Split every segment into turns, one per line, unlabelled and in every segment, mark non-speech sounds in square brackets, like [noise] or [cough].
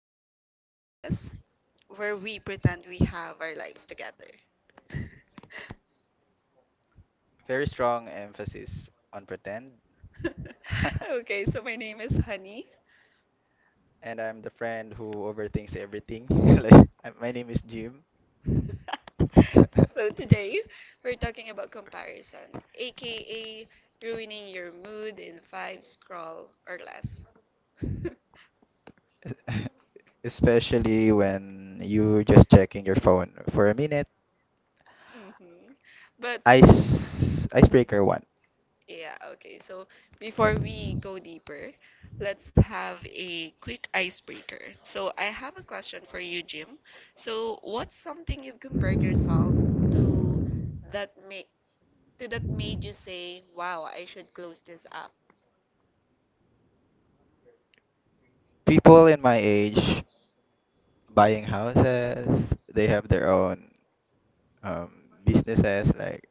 Welcome to the podcast where we pretend we have our lives together. [laughs]
Very strong emphasis on pretend. [laughs]
Okay, so my name is Honey.
And I'm the friend who overthinks everything. [laughs] Like, my name is Jim.
[laughs]
[laughs]
So today we're talking about comparison, aka ruining your mood in five scroll or less. [laughs]
Especially when you're just checking your phone for a minute.
Hmm. But
Icebreaker one.
yeah, okay. So before we go deeper, let's have a quick icebreaker. So I have a question for you, Jim. So what's something you've compared yourself to that made to that made you say, "Wow, I should close this app."
People in my age buying houses, they have their own um, businesses, like,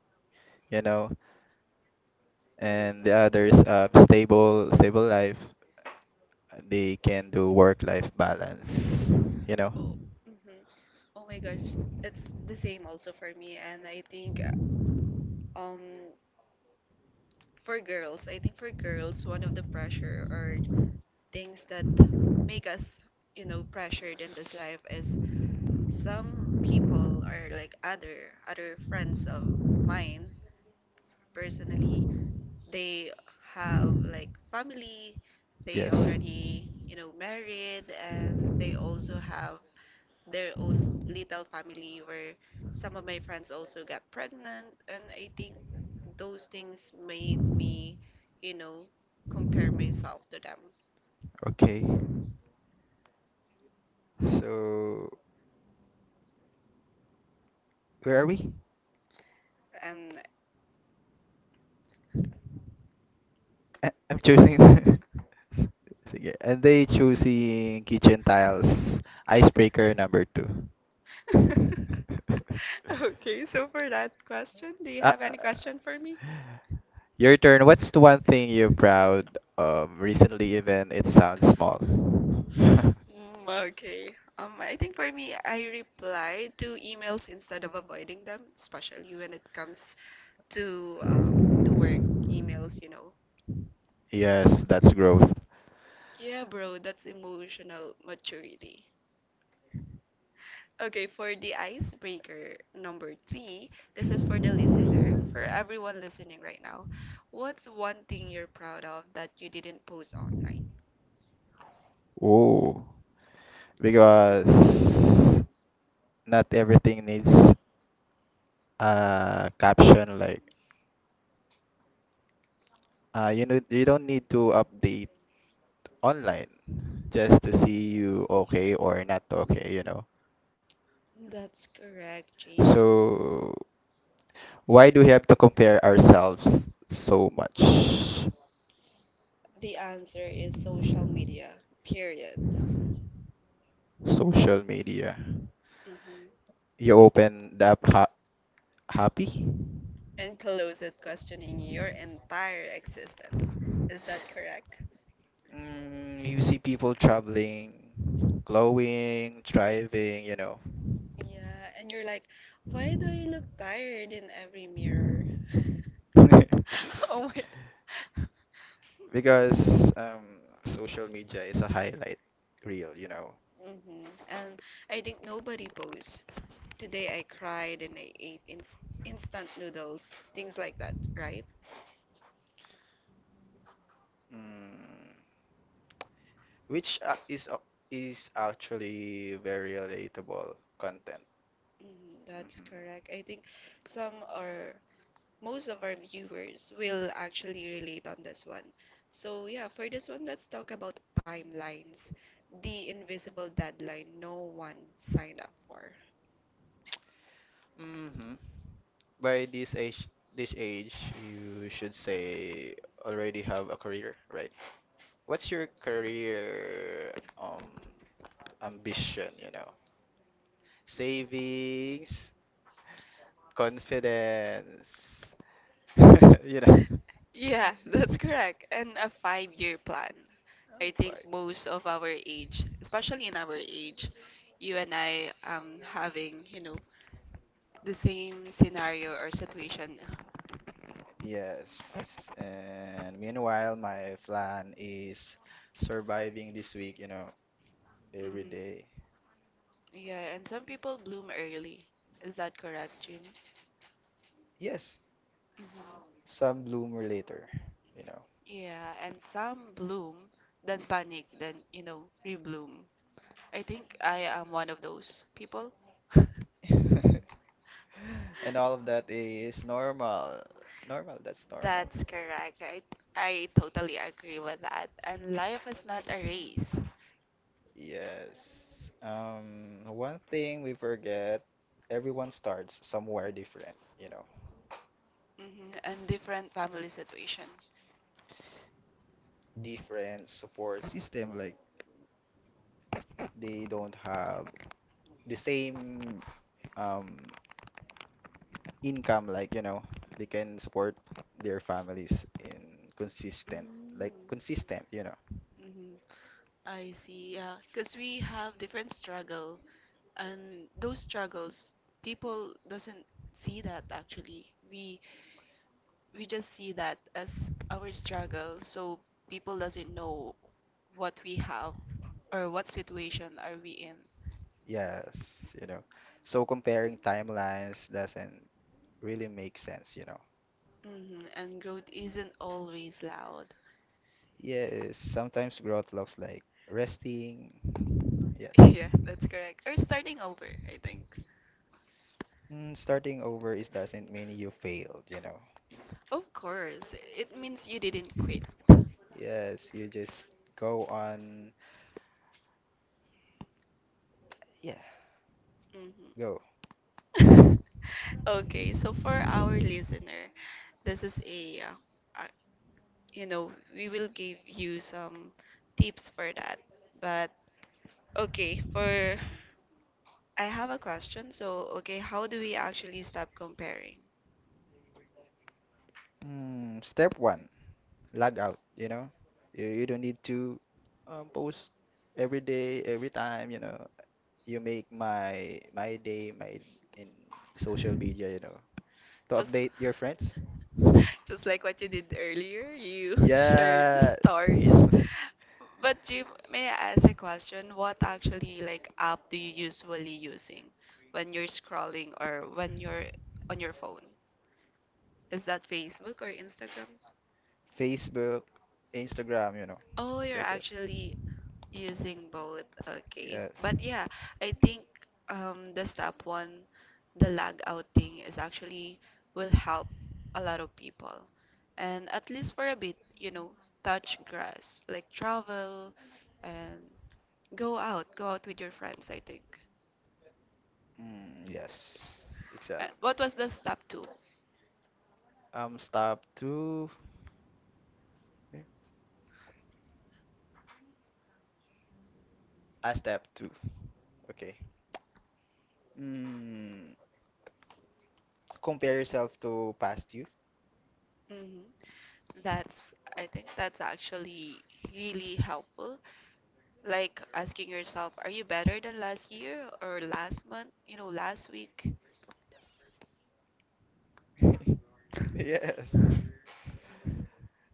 you know, and the others stable life. They can do work-life balance, you know?
Oh, mm-hmm. Oh my gosh, it's the same also for me, and I think uh, um for girls, one of the pressure or things that make us pressured in this life is some people or like other friends of mine personally they have like family they
Yes.
already married and they also have their own little family where some of my friends also got pregnant and I think those things made me you know compare myself to them
Okay. So where are we? I'm choosing. [laughs] S- Sige. And they choosing kitchen tiles. Icebreaker number two.
and
[laughs]
[laughs] Okay, so for that question, do you
Ah,
have any
ah,
question for me?
your turn. What's the one thing you're proud of recently, even it sounds small? [laughs]
Mm, okay. I think for me, I reply to emails instead of avoiding them, especially when it comes to um, to work emails.
Yes, that's growth.
Yeah, bro, that's emotional maturity. Okay, for the icebreaker number three, this is for the listener, for everyone listening right now. What's one thing you're proud of that you didn't post on?
Oh, because not everything needs a caption. Like, you don't need to update online just to see you okay or not okay.
That's correct, James.
So why do we have to compare ourselves so much?
The answer is social media, period.
Social media.
Mhm.
You open the app happy.
And close it questioning your entire existence. Is that correct?
You see people traveling, glowing, driving.
Yeah, and you're like, why do I look tired in every mirror? [laughs] Oh my.
[laughs] Because social media is a highlight reel.
Hmm. And I think nobody posts. Today I cried and I ate instant noodles, things like that, right?
mm, which is actually very relatable content.
Mm, that's correct. I think some are most of our viewers will actually relate on this one. So, yeah, for this one, let's talk about timelines, the invisible deadline no one signed up for.
Hmm. Hmm. By this age, this age, you should say already have a career, right? What's your career um ambition? Savings, confidence, [laughs] you know.
Yeah, [laughs] that's correct. And a five-year plan.
Oh,
I think
five.
most of our age, especially in our age, you and I having the same scenario or situation.
Yes. And meanwhile, my plan is surviving this week, every
Hmm.
day.
Yeah, and some people bloom early. Is that correct, June?
Yes,
Hmm.
some bloomer later, you know.
Yeah, and some bloom, then panic, then rebloom. I think I am one of those people. [laughs]
[laughs] And all of that is normal. Normal, that's normal.
That's correct. I totally agree with that. And life is not a race.
Yes. One thing we forget, everyone starts somewhere different.
Hmm. And different family situation.
Different support system, like, they don't have the same um income they can support their families in consistent, like
Mm-hmm.
consistent.
I see, yeah. Because we have different struggle, and those struggles, people doesn't see that actually. We just see that as our struggle, so people doesn't know what we have or what situation are we in.
Yes you know so comparing timelines doesn't really make sense.
Hmm. And growth isn't always loud.
Yes, sometimes growth looks like resting.
[laughs]
Yes.
Yeah, that's correct, or starting over, I think.
Starting over is doesn't mean you failed.
Of course, it means you didn't quit.
Yes, you just go on. Yeah.
Hmm.
Go.
[laughs] Okay, so for our listener, this is a uh, you know we will give you some tips for that. But okay, for I have a question. So, okay, how do we actually stop comparing?
Step one, log out, you know? You don't need to post every day, every time, you know. You make my day, my, in social media, to update your friends.
Just like what you did earlier, you [laughs] shared the
Yeah.
stories. But Jim, may I ask a question? What actually like app do you usually using when you're scrolling or when you're on your phone? Is that Facebook or Instagram?
[laughs] Facebook, Instagram.
Oh, you're
That's it.
actually using both. Okay.
Yeah.
But yeah, I think the step one, the lag out thing is actually will help a lot of people. And at least for a bit, you know, touch grass, like travel and go out with your friends, I think.
Mm, yes. Exactly.
What was the step two?
Step two. Yeah. Step two. Okay. Mm, compare yourself to past you.
Mm-hmm. I think that's actually really helpful. Like asking yourself, are you better than last year or last month? You know, last week?
[laughs] Yes.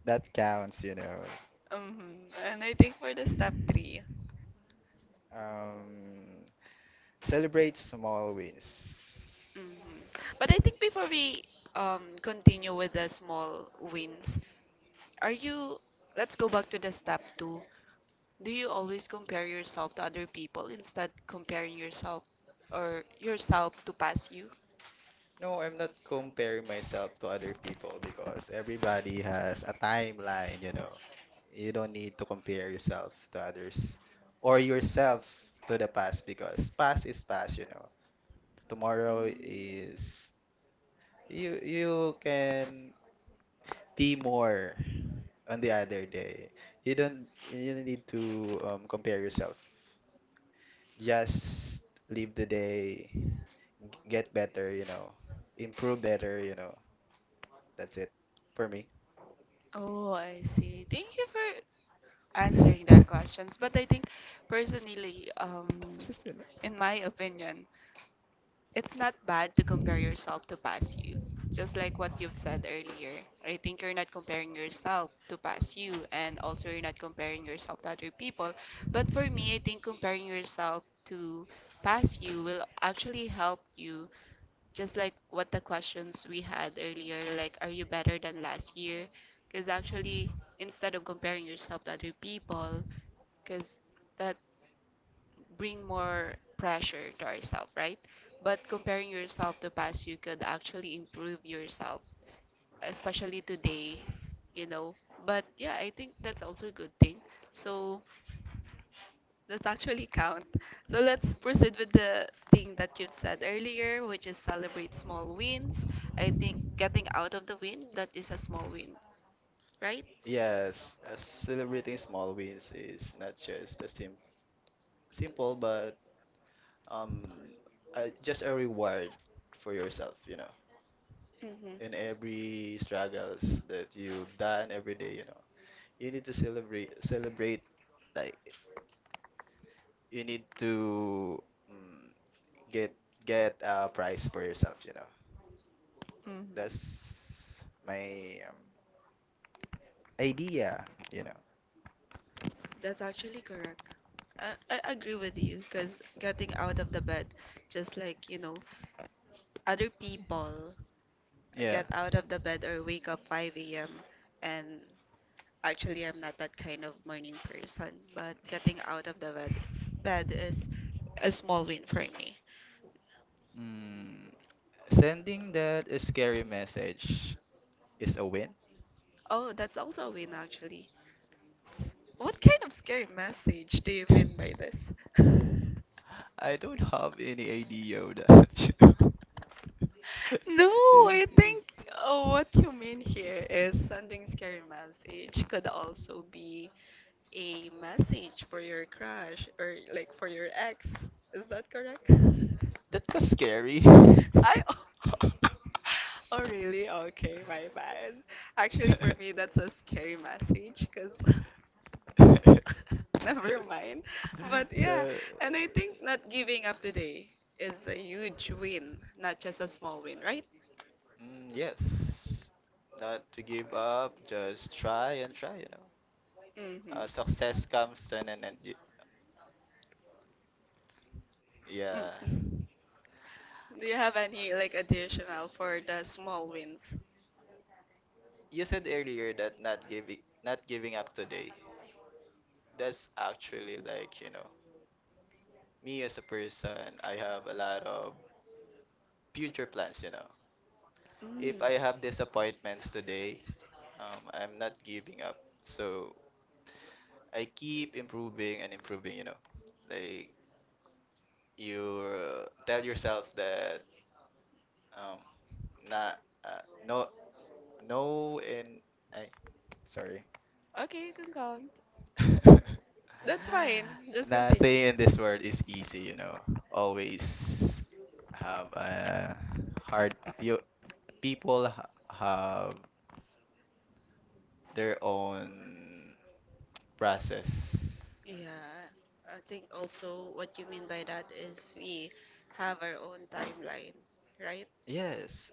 That counts.
Mhm. And I think for the step three.
Um, celebrate small wins.
Mhm. But I think before we continue with the small wins, are you let's go back to the step two. Do you always compare yourself to other people instead comparing yourself or yourself to past you?
No, I'm not comparing myself to other people because everybody has a timeline, you know. You don't need to compare yourself to others or yourself to the past because past is past. Tomorrow
Mm.
is you can be more on the other day. You don't need to compare yourself. Just live the day, get better, improve better. That's it for me.
Oh, I see. Thank you for answering
[laughs] Tapos
that questions. But I think personally,
na sila.
in my opinion, it's not bad to compare yourself to past you. Just like what you've said earlier, I think you're not comparing yourself to past you, and also you're not comparing yourself to other people. But for me, I think comparing yourself to past you will actually help you. Just like what the questions we had earlier, like, are you better than last year? Because actually, instead of comparing yourself to other people, because that bring more pressure to ourselves, right? But comparing yourself to past, you could actually improve yourself, especially today, you know. But yeah, I think that's also a good thing. So that actually count. So let's proceed with the thing that you've said earlier, which is celebrate small wins. I think getting out of the wind, that is a small win, right?
Yes, celebrating small wins is not just a simple, but um, just a reward for yourself. In
Mm-hmm.
every struggles that you've done every day, you need to celebrate like you need to mm, get get a prize for yourself.
Mm-hmm.
That's my idea, you know.
That's actually correct. I agree with you because getting out of the bed, just like other people
Yeah.
get out of the bed or wake up 5 a.m. And actually, I'm not that kind of morning person, but getting out of the bed, is a small win for me.
Mm, sending that scary message is a win.
Oh, that's also a win, actually. What kind of scary message do you
[laughs]
mean by this? [laughs]
I don't have any idea of that. [laughs] .
No, I
Is-
think what you mean here is sending scary message could also be a message for your crush or like for your ex. Is that correct?
that was scary. [laughs]
[laughs] I [laughs] Oh really? Okay, my bad. Actually, for me, that's a scary message because [laughs] never mind. But yeah,
So,
and I think not giving up today is a huge win, not just a small win, right?
mm, yes. Not to give up, just try and try.
Mm-hmm.
Success comes and
Mm,
yeah.
mm. Do you have any like additional for the small wins?
You said earlier that not giving up today. That's actually like, me as a person. I have a lot of future plans. If
Mm.
I have disappointments today, I'm not giving up. So I keep improving and improving. Like you tell yourself that. Um, not no no in I Sorry.
Okay, you can go on.
[laughs]
That's fine. Just continue.
Nothing in this world is easy. Always have a hard, you people ha have their own process.
Yeah, I think also what you mean by that is we have our own timeline, right?
Yes,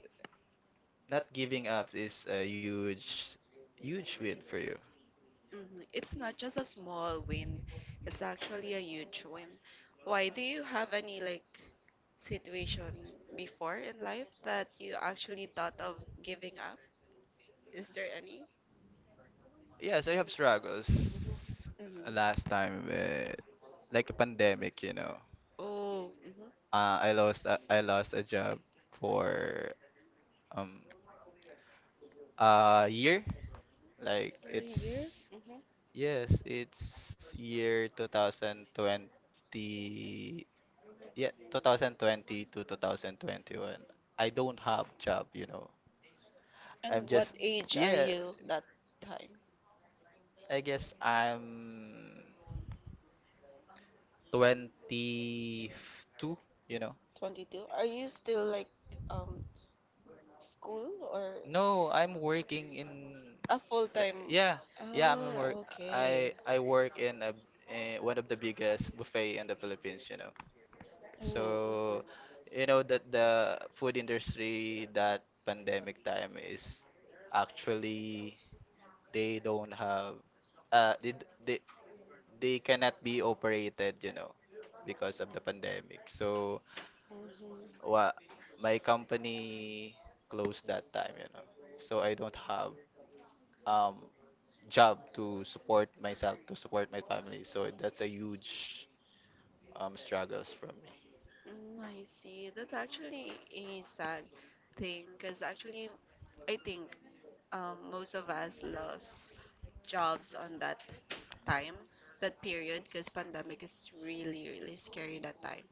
not giving up is a huge win for you.
Hmm. It's not just a small win, it's actually a huge win. Why do you have any like situation before in life that you actually thought of giving up? Is there any?
Yes, I have struggles
Mm-hmm.
last time with like a pandemic.
Oh, mm-hmm.
I lost a job for um a year. Like
Are you?
it's,
Mm-hmm. I've
yes, it's year 2020, yeah, 2020 to 2021. I don't have job.
And
I'm
I've what
just,
age are
yeah,
you that time?
I guess I'm 22, you know.
22? Are you still like um school or
No, I'm working in,
a
like,
full-time? Yeah.
yeah, yeah, I'm work
Oh, okay.
I I work in a, in one of the biggest buffet in the Philippines.
Oh. Oh,
So, you know that the food industry, that pandemic time, is actually, they don't have uh they d- they, they cannot be operated, because of the pandemic. So,
mm-hmm. Mm-hmm.
what, my company closed that time. So I don't have um job to support myself, to support my family. So that's a huge struggles for me.
Mm, I see. That's actually a sad thing because actually I think most of us lost jobs on that time, that period, because pandemic is really, really scary that time.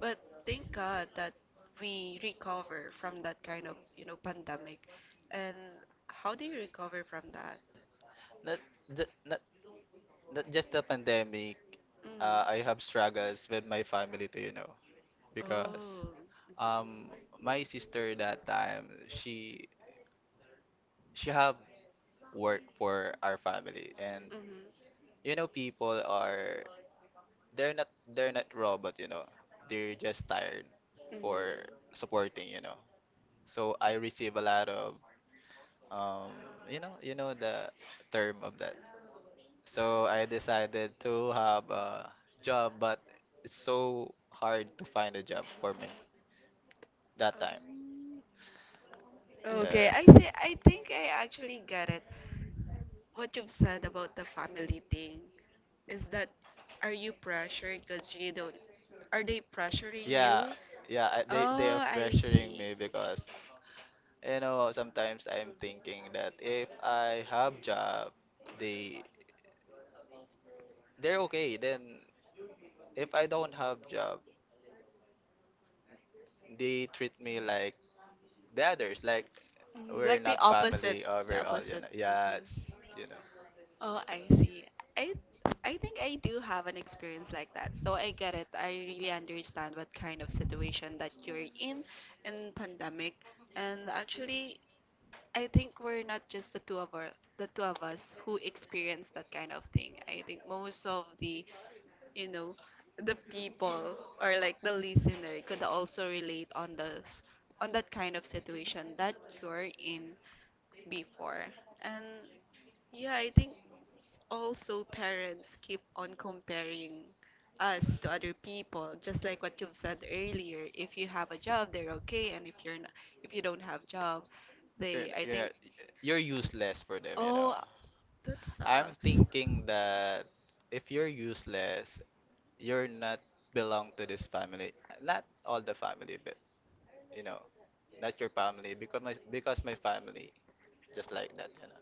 But thank God that we recover from that kind of pandemic. And how do you recover from that?
Not ju- not not just the pandemic.
Mm.
I have struggles with my family too, because
Oh.
um my sister that time, she have work for our family. And
Mm-hmm.
people are, they're not robot. They're just tired for supporting. So I receive a lot of um you know the term of that. So I decided to have a job, but it's so hard to find a job for me that time.
Mm-hmm.
Yeah,
Okay, I see. I think I actually get it. What you've said about the family thing, is that are you pressured because you don't are they pressuring you?
yeah, yeah, they
Oh,
are
I
pressuring
see.
me because sometimes I'm thinking that if I have job, they they're okay. Then if I don't have job, they treat me like the others, like we're not family overall. Yes.
Oh, I see. I I think I do have an experience like that. So I get it. I really understand what kind of situation that you're in pandemic. And actually, I think we're not just the two of us, the two of us who experience that kind of thing. I think most of you know, the people or like the listener could also relate on this on that kind of situation that you're in before. And yeah, I think also parents keep on comparing us to other people just like what you've said earlier. If you have a job they're okay, and if you don't have job they I
You're
think
not- You're useless for them.
Oh, that
I'm
sucks.
thinking that if you're useless, you're not belong to this family, not all the family, but you know not your family. Because my, family just like that.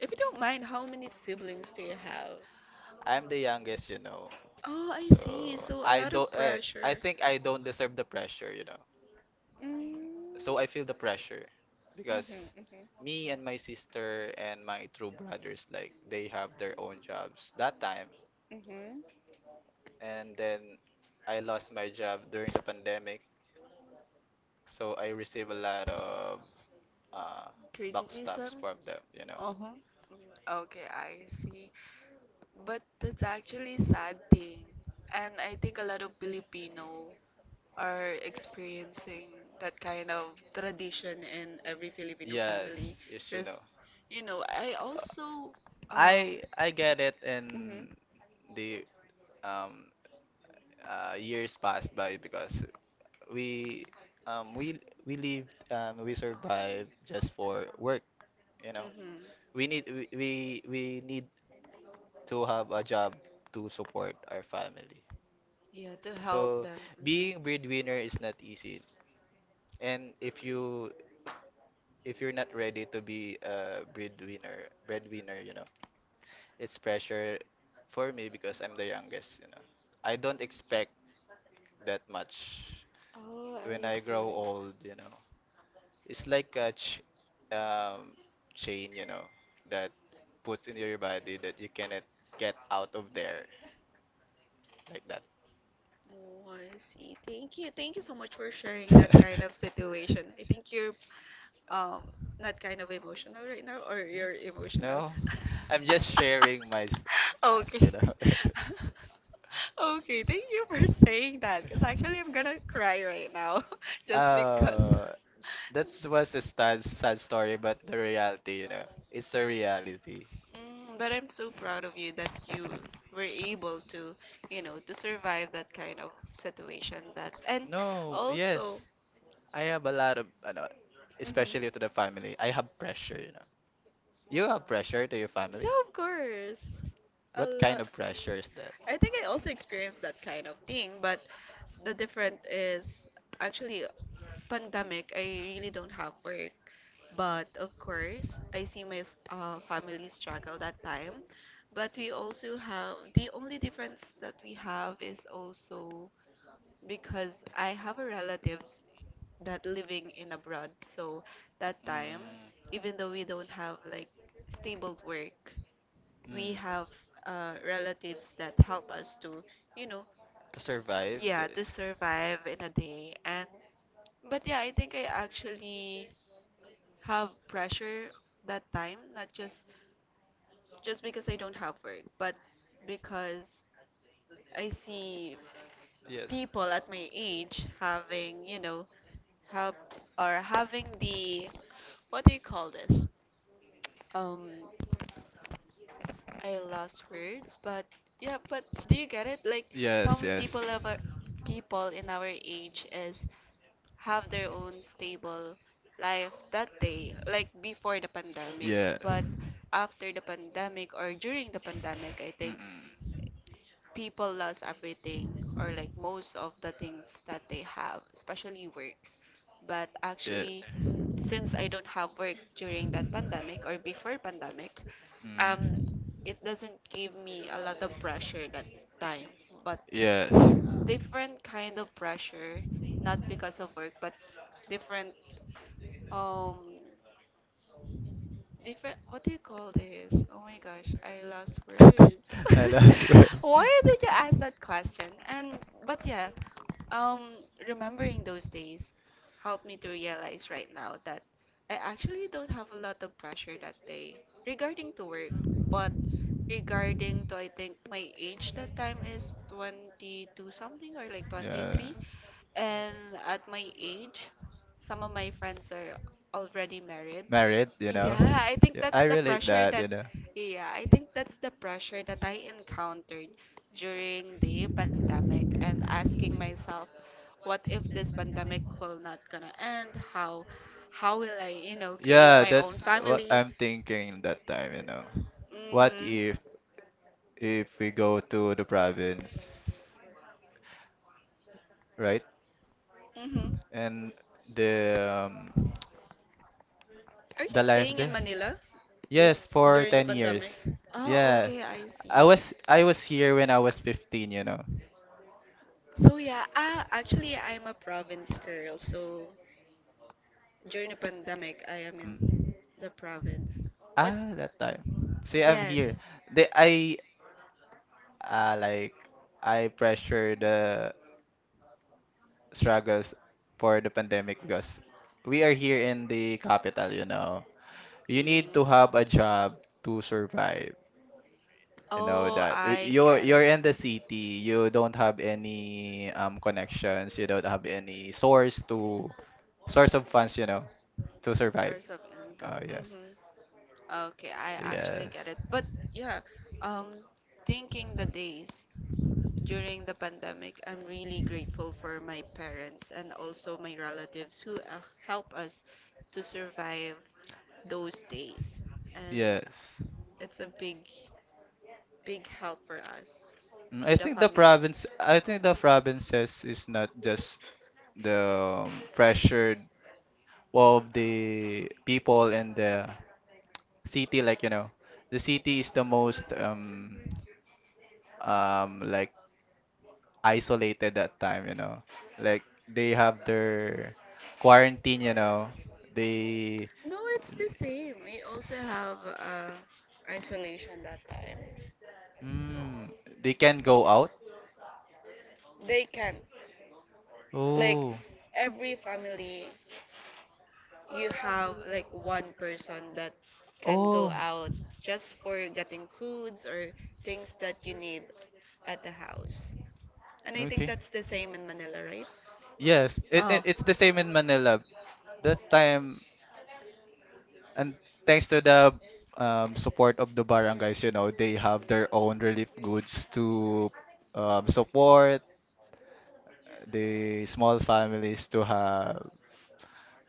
If you don't mind, how many siblings do you have?
I'm the youngest.
Oh, I see.
So
So a lot of pressure.
I think I don't deserve the pressure.
Mm.
So I feel the pressure because
Mm-hmm,
me and my sister and my true brothers, like they have their own jobs that time.
mm-hmm.
And then I lost my job during the pandemic. So I receive a lot of uh backstabs
Criticism.
from them.
Uh-huh. Mm-hmm. Okay, I see. But that's actually sad thing. And I think a lot of Filipino are experiencing that kind of tradition in every Filipino family.
Yes, yes.
Because, you know, I also, um,
I get it.
mm-hmm,
And the um years passed by, because we um we we survived just for work you know
mm-hmm,
we need we, we we need to have a job to support our family.
yeah, to help
So
them. Mhm.
being breadwinner is not easy. And if you're not ready to be a breadwinner , it's pressure for me because I'm the youngest. I don't expect that much
Oh,
when
I
I
see.
grow old. It's like a ch- um, chain , that puts in your body, that you cannot get out of there like that.
Oh, I see. Thank you. Thank you so much for sharing that
[laughs]
kind of situation. I think you're um not kind of emotional right now, or you're emotional.
No,
[laughs]
I'm just sharing as you
Okay.
know. [laughs]
[laughs] Okay, thank you for saying that because actually I'm gonna cry right now [laughs] just because.
Uh, that was a sad, sad story, but the reality, it's the reality.
Mm, but I'm so proud of you that you were able to to survive that kind of situation that and
No,
also.
yes, I have a lot of, especially to the
Mhm.
family. I have pressure, you know. You have pressure to your
Yeah,
family?
of course. A
What kind
lot.
of pressure is that?
I think I also experienced that kind of thing, but the different is actually pandemic. I really don't have work, but of course, I see my family struggle that time. But we also have the only difference that we have is also because I have a relatives that living in abroad. So that time,
Mm,
even though we don't have like stable work, we
mm.
have relatives that help us to, you know,
To survive
yeah,
the,
to survive in a day. And But yeah, I think I actually have pressure that time, not just because I don't have work, but because I see
yes,
people at my age having, help or having the what do you call this? Um, I lost words, but yeah, but do you get it? Like
yes,
some people
yes,
of our, people in our age is have their own stable life that day, like before the pandemic,
yes.
but after the pandemic or during the pandemic, I think
Mm-mm.
people lost everything or like most of the things that they have, especially works. But
Yeah.
actually, since I don't have work during that pandemic or before pandemic, um,
Mm.
it doesn't give me a lot of pressure that time, but
Yes.
different kind of pressure, not because of work, but different, um, different. What do you call this? Oh my gosh, I lost words.
[laughs] I lost word.
[laughs] Why did you ask that question? And But yeah, Um, remembering those days helped me to realize right now that I actually don't have a lot of pressure that day regarding to work, but regarding to I think my age that time is 22 something or like
[laughs] Yeah.
23. And at my age some of my friends are already married.
Married.
Yeah, I think
Yeah,
that's
I
the
relate that.
I think that's the pressure that I encountered during the pandemic and asking myself, what if this pandemic will not gonna end? How will I, you know, create
Yeah,
my own
that's what
family?
I'm thinking that time. What
Mhm.
if we go to the province, right?
Mhm.
And the um,
Are you
the life
staying in
there?
Manila
Yes, for
during the
10
pandemic?
years.
Oh,
Yes.
okay, I see.
I was here when I was 15.
So yeah, actually I'm a province girl, so during the pandemic, I am in
Mm.
the province.
That time. See, I'm
Yes.
here.
Yes.
They I like I pressure the struggles for the pandemic because we are here in the capital, you know. You need to have a job to survive. You know
Oh,
that,
I
you're
get it.
you're in the city,
Mhm.
you don't have any connections, you don't have any source of funds, to survive.
Source of income.
Oh, yes.
Mm-hmm. Okay, I actually
Yes.
get it. But yeah, um, thinking the days during the pandemic, I'm really grateful for my parents and also my relatives who help us to survive those days. And
Yes.
it's a big, big help for us.
I think the province I think the provinces is not just the pressure of the people in the city, like the city is the most like isolated that time. Like they have their quarantine. They
No, it's the same. We also have isolation that time.
mm, they can not go out.
They can Like
Oh.
every family you have like one person that can go
Oh.
out just for getting foods or things that you need at the house. And I think
Okay.
that's the same in Manila, right?
Yes, it, it
Oh.
it's the same in Manila. That time. And thanks to the support of the barangays, they have their own relief goods to support the small families to have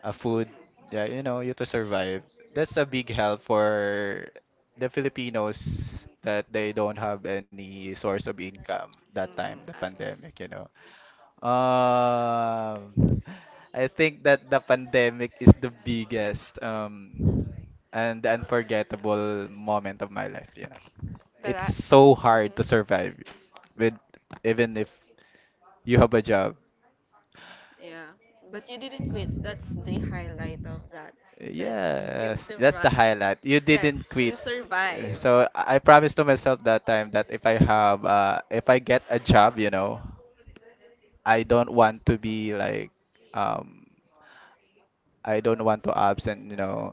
a food, yeah, you to survive. That's a big help for the Filipinos that they don't have any source of income that time,
Mm-hmm,
the
Alice.
pandemic. Um, [laughs] I think that the pandemic is the biggest and unforgettable moment of my life.
But
It's
I,
so hard to survive with, even if you have a job.
Yeah, but you didn't quit. That's the highlight of that, because you
Yes, that's the
survived.
highlight. You
Yeah,
didn't quit.
you survive.
So I promised to myself that time that if I get a job, I don't want to be like um I don't want to absent,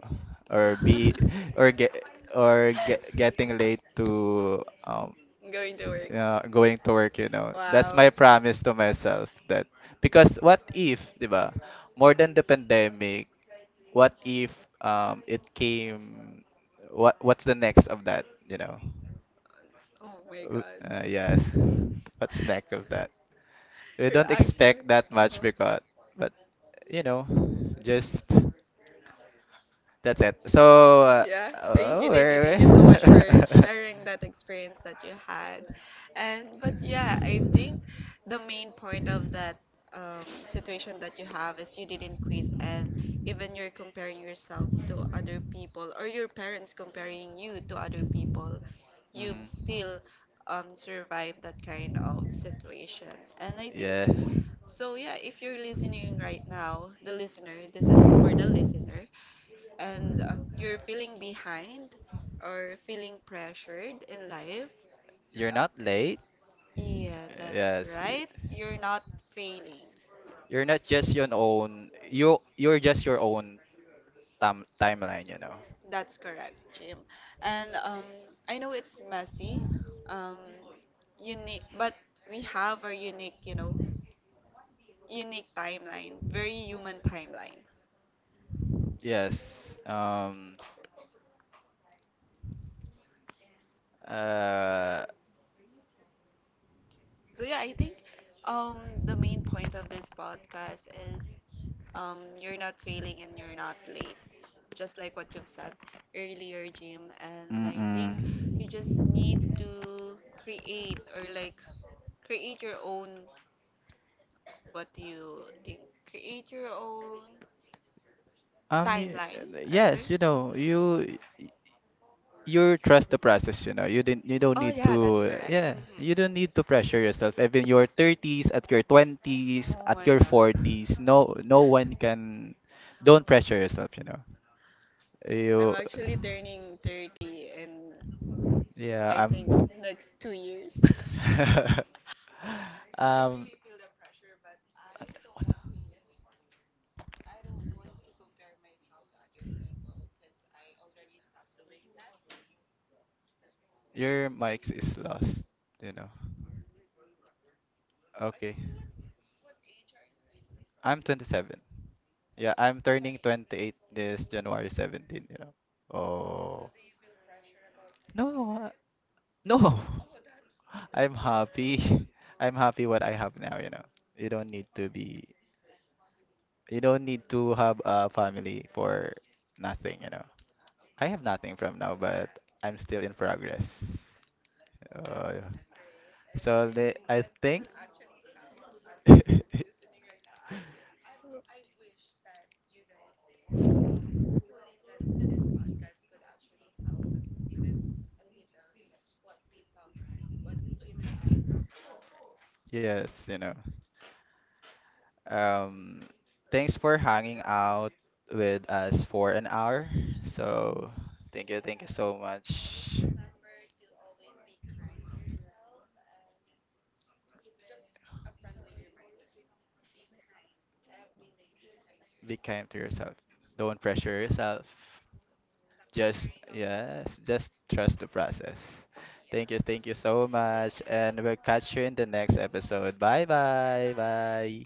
or be
[laughs]
or get or get, getting late to
Going to work.
going to work. That's
Wow.
my promise to myself, that because, what if, 'di ba? More than the pandemic, what if it came? What's the next of that?
Oh my God.
Yes,
[laughs]
what's next of that? We
You're
don't
actually.
expect that much, because but you know just, that's it, so
Yeah. Thank
oh,
you. Thank you.
[laughs]
Sharing that experience that you had. And But yeah, I think the main point of that situation that you have is you didn't quit, and even you're comparing yourself to other people, or your parents comparing you to other people, you've
Mhm.
still survived that kind of situation. And I think
Yeah,
so. Yeah, if you're listening right now, the listener, this is for the listener and you're feeling behind or feeling pressured in life,
you're not late.
yeah, that's
Yes.
right. You're not failing.
You're not just your own, you're just your own timeline.
That's correct, Jim. And I know it's messy, um, unique, but we have our unique, you know, unique timeline, very human timeline.
Yes. Uh
So yeah, I think um, the main point of this podcast is you're not failing and you're not late, just like what you've said earlier, Jim. And I
mm-mm.
You just to create or like create your own what you think? Create your own
Um y-
timeline, I think.
yes,
Hmm.
you trust the process, you know. You didn't you don't
Oh
need
yeah, that's
to
correct.
yeah, you
Hmm.
don't need to pressure yourself. Even your 30s, at your 20s,
Oh,
at your 40s, no one can don't pressure yourself, you know.
I'm
You.
actually turning 30 and
Yeah,
I
I'm. [laughs]
think next 2 years. [laughs]
Your mics is lost, you know. Okay, I'm 27. Yeah, I'm turning 28 this January 17. Oh. No, no. [laughs] I'm happy. [laughs] I'm happy what I have now, you know. You don't need to be, you don't need to have a family for nothing. You I have nothing from now, but I'm still in progress. Uh, so they, I think, [laughs] yes. Um, thanks for hanging out with us for an hour. So thank you so much. Be kind to yourself. Don't pressure yourself. Just, yes, just trust the process. Thank you so much, and we'll catch you in the next episode. Bye, bye, bye.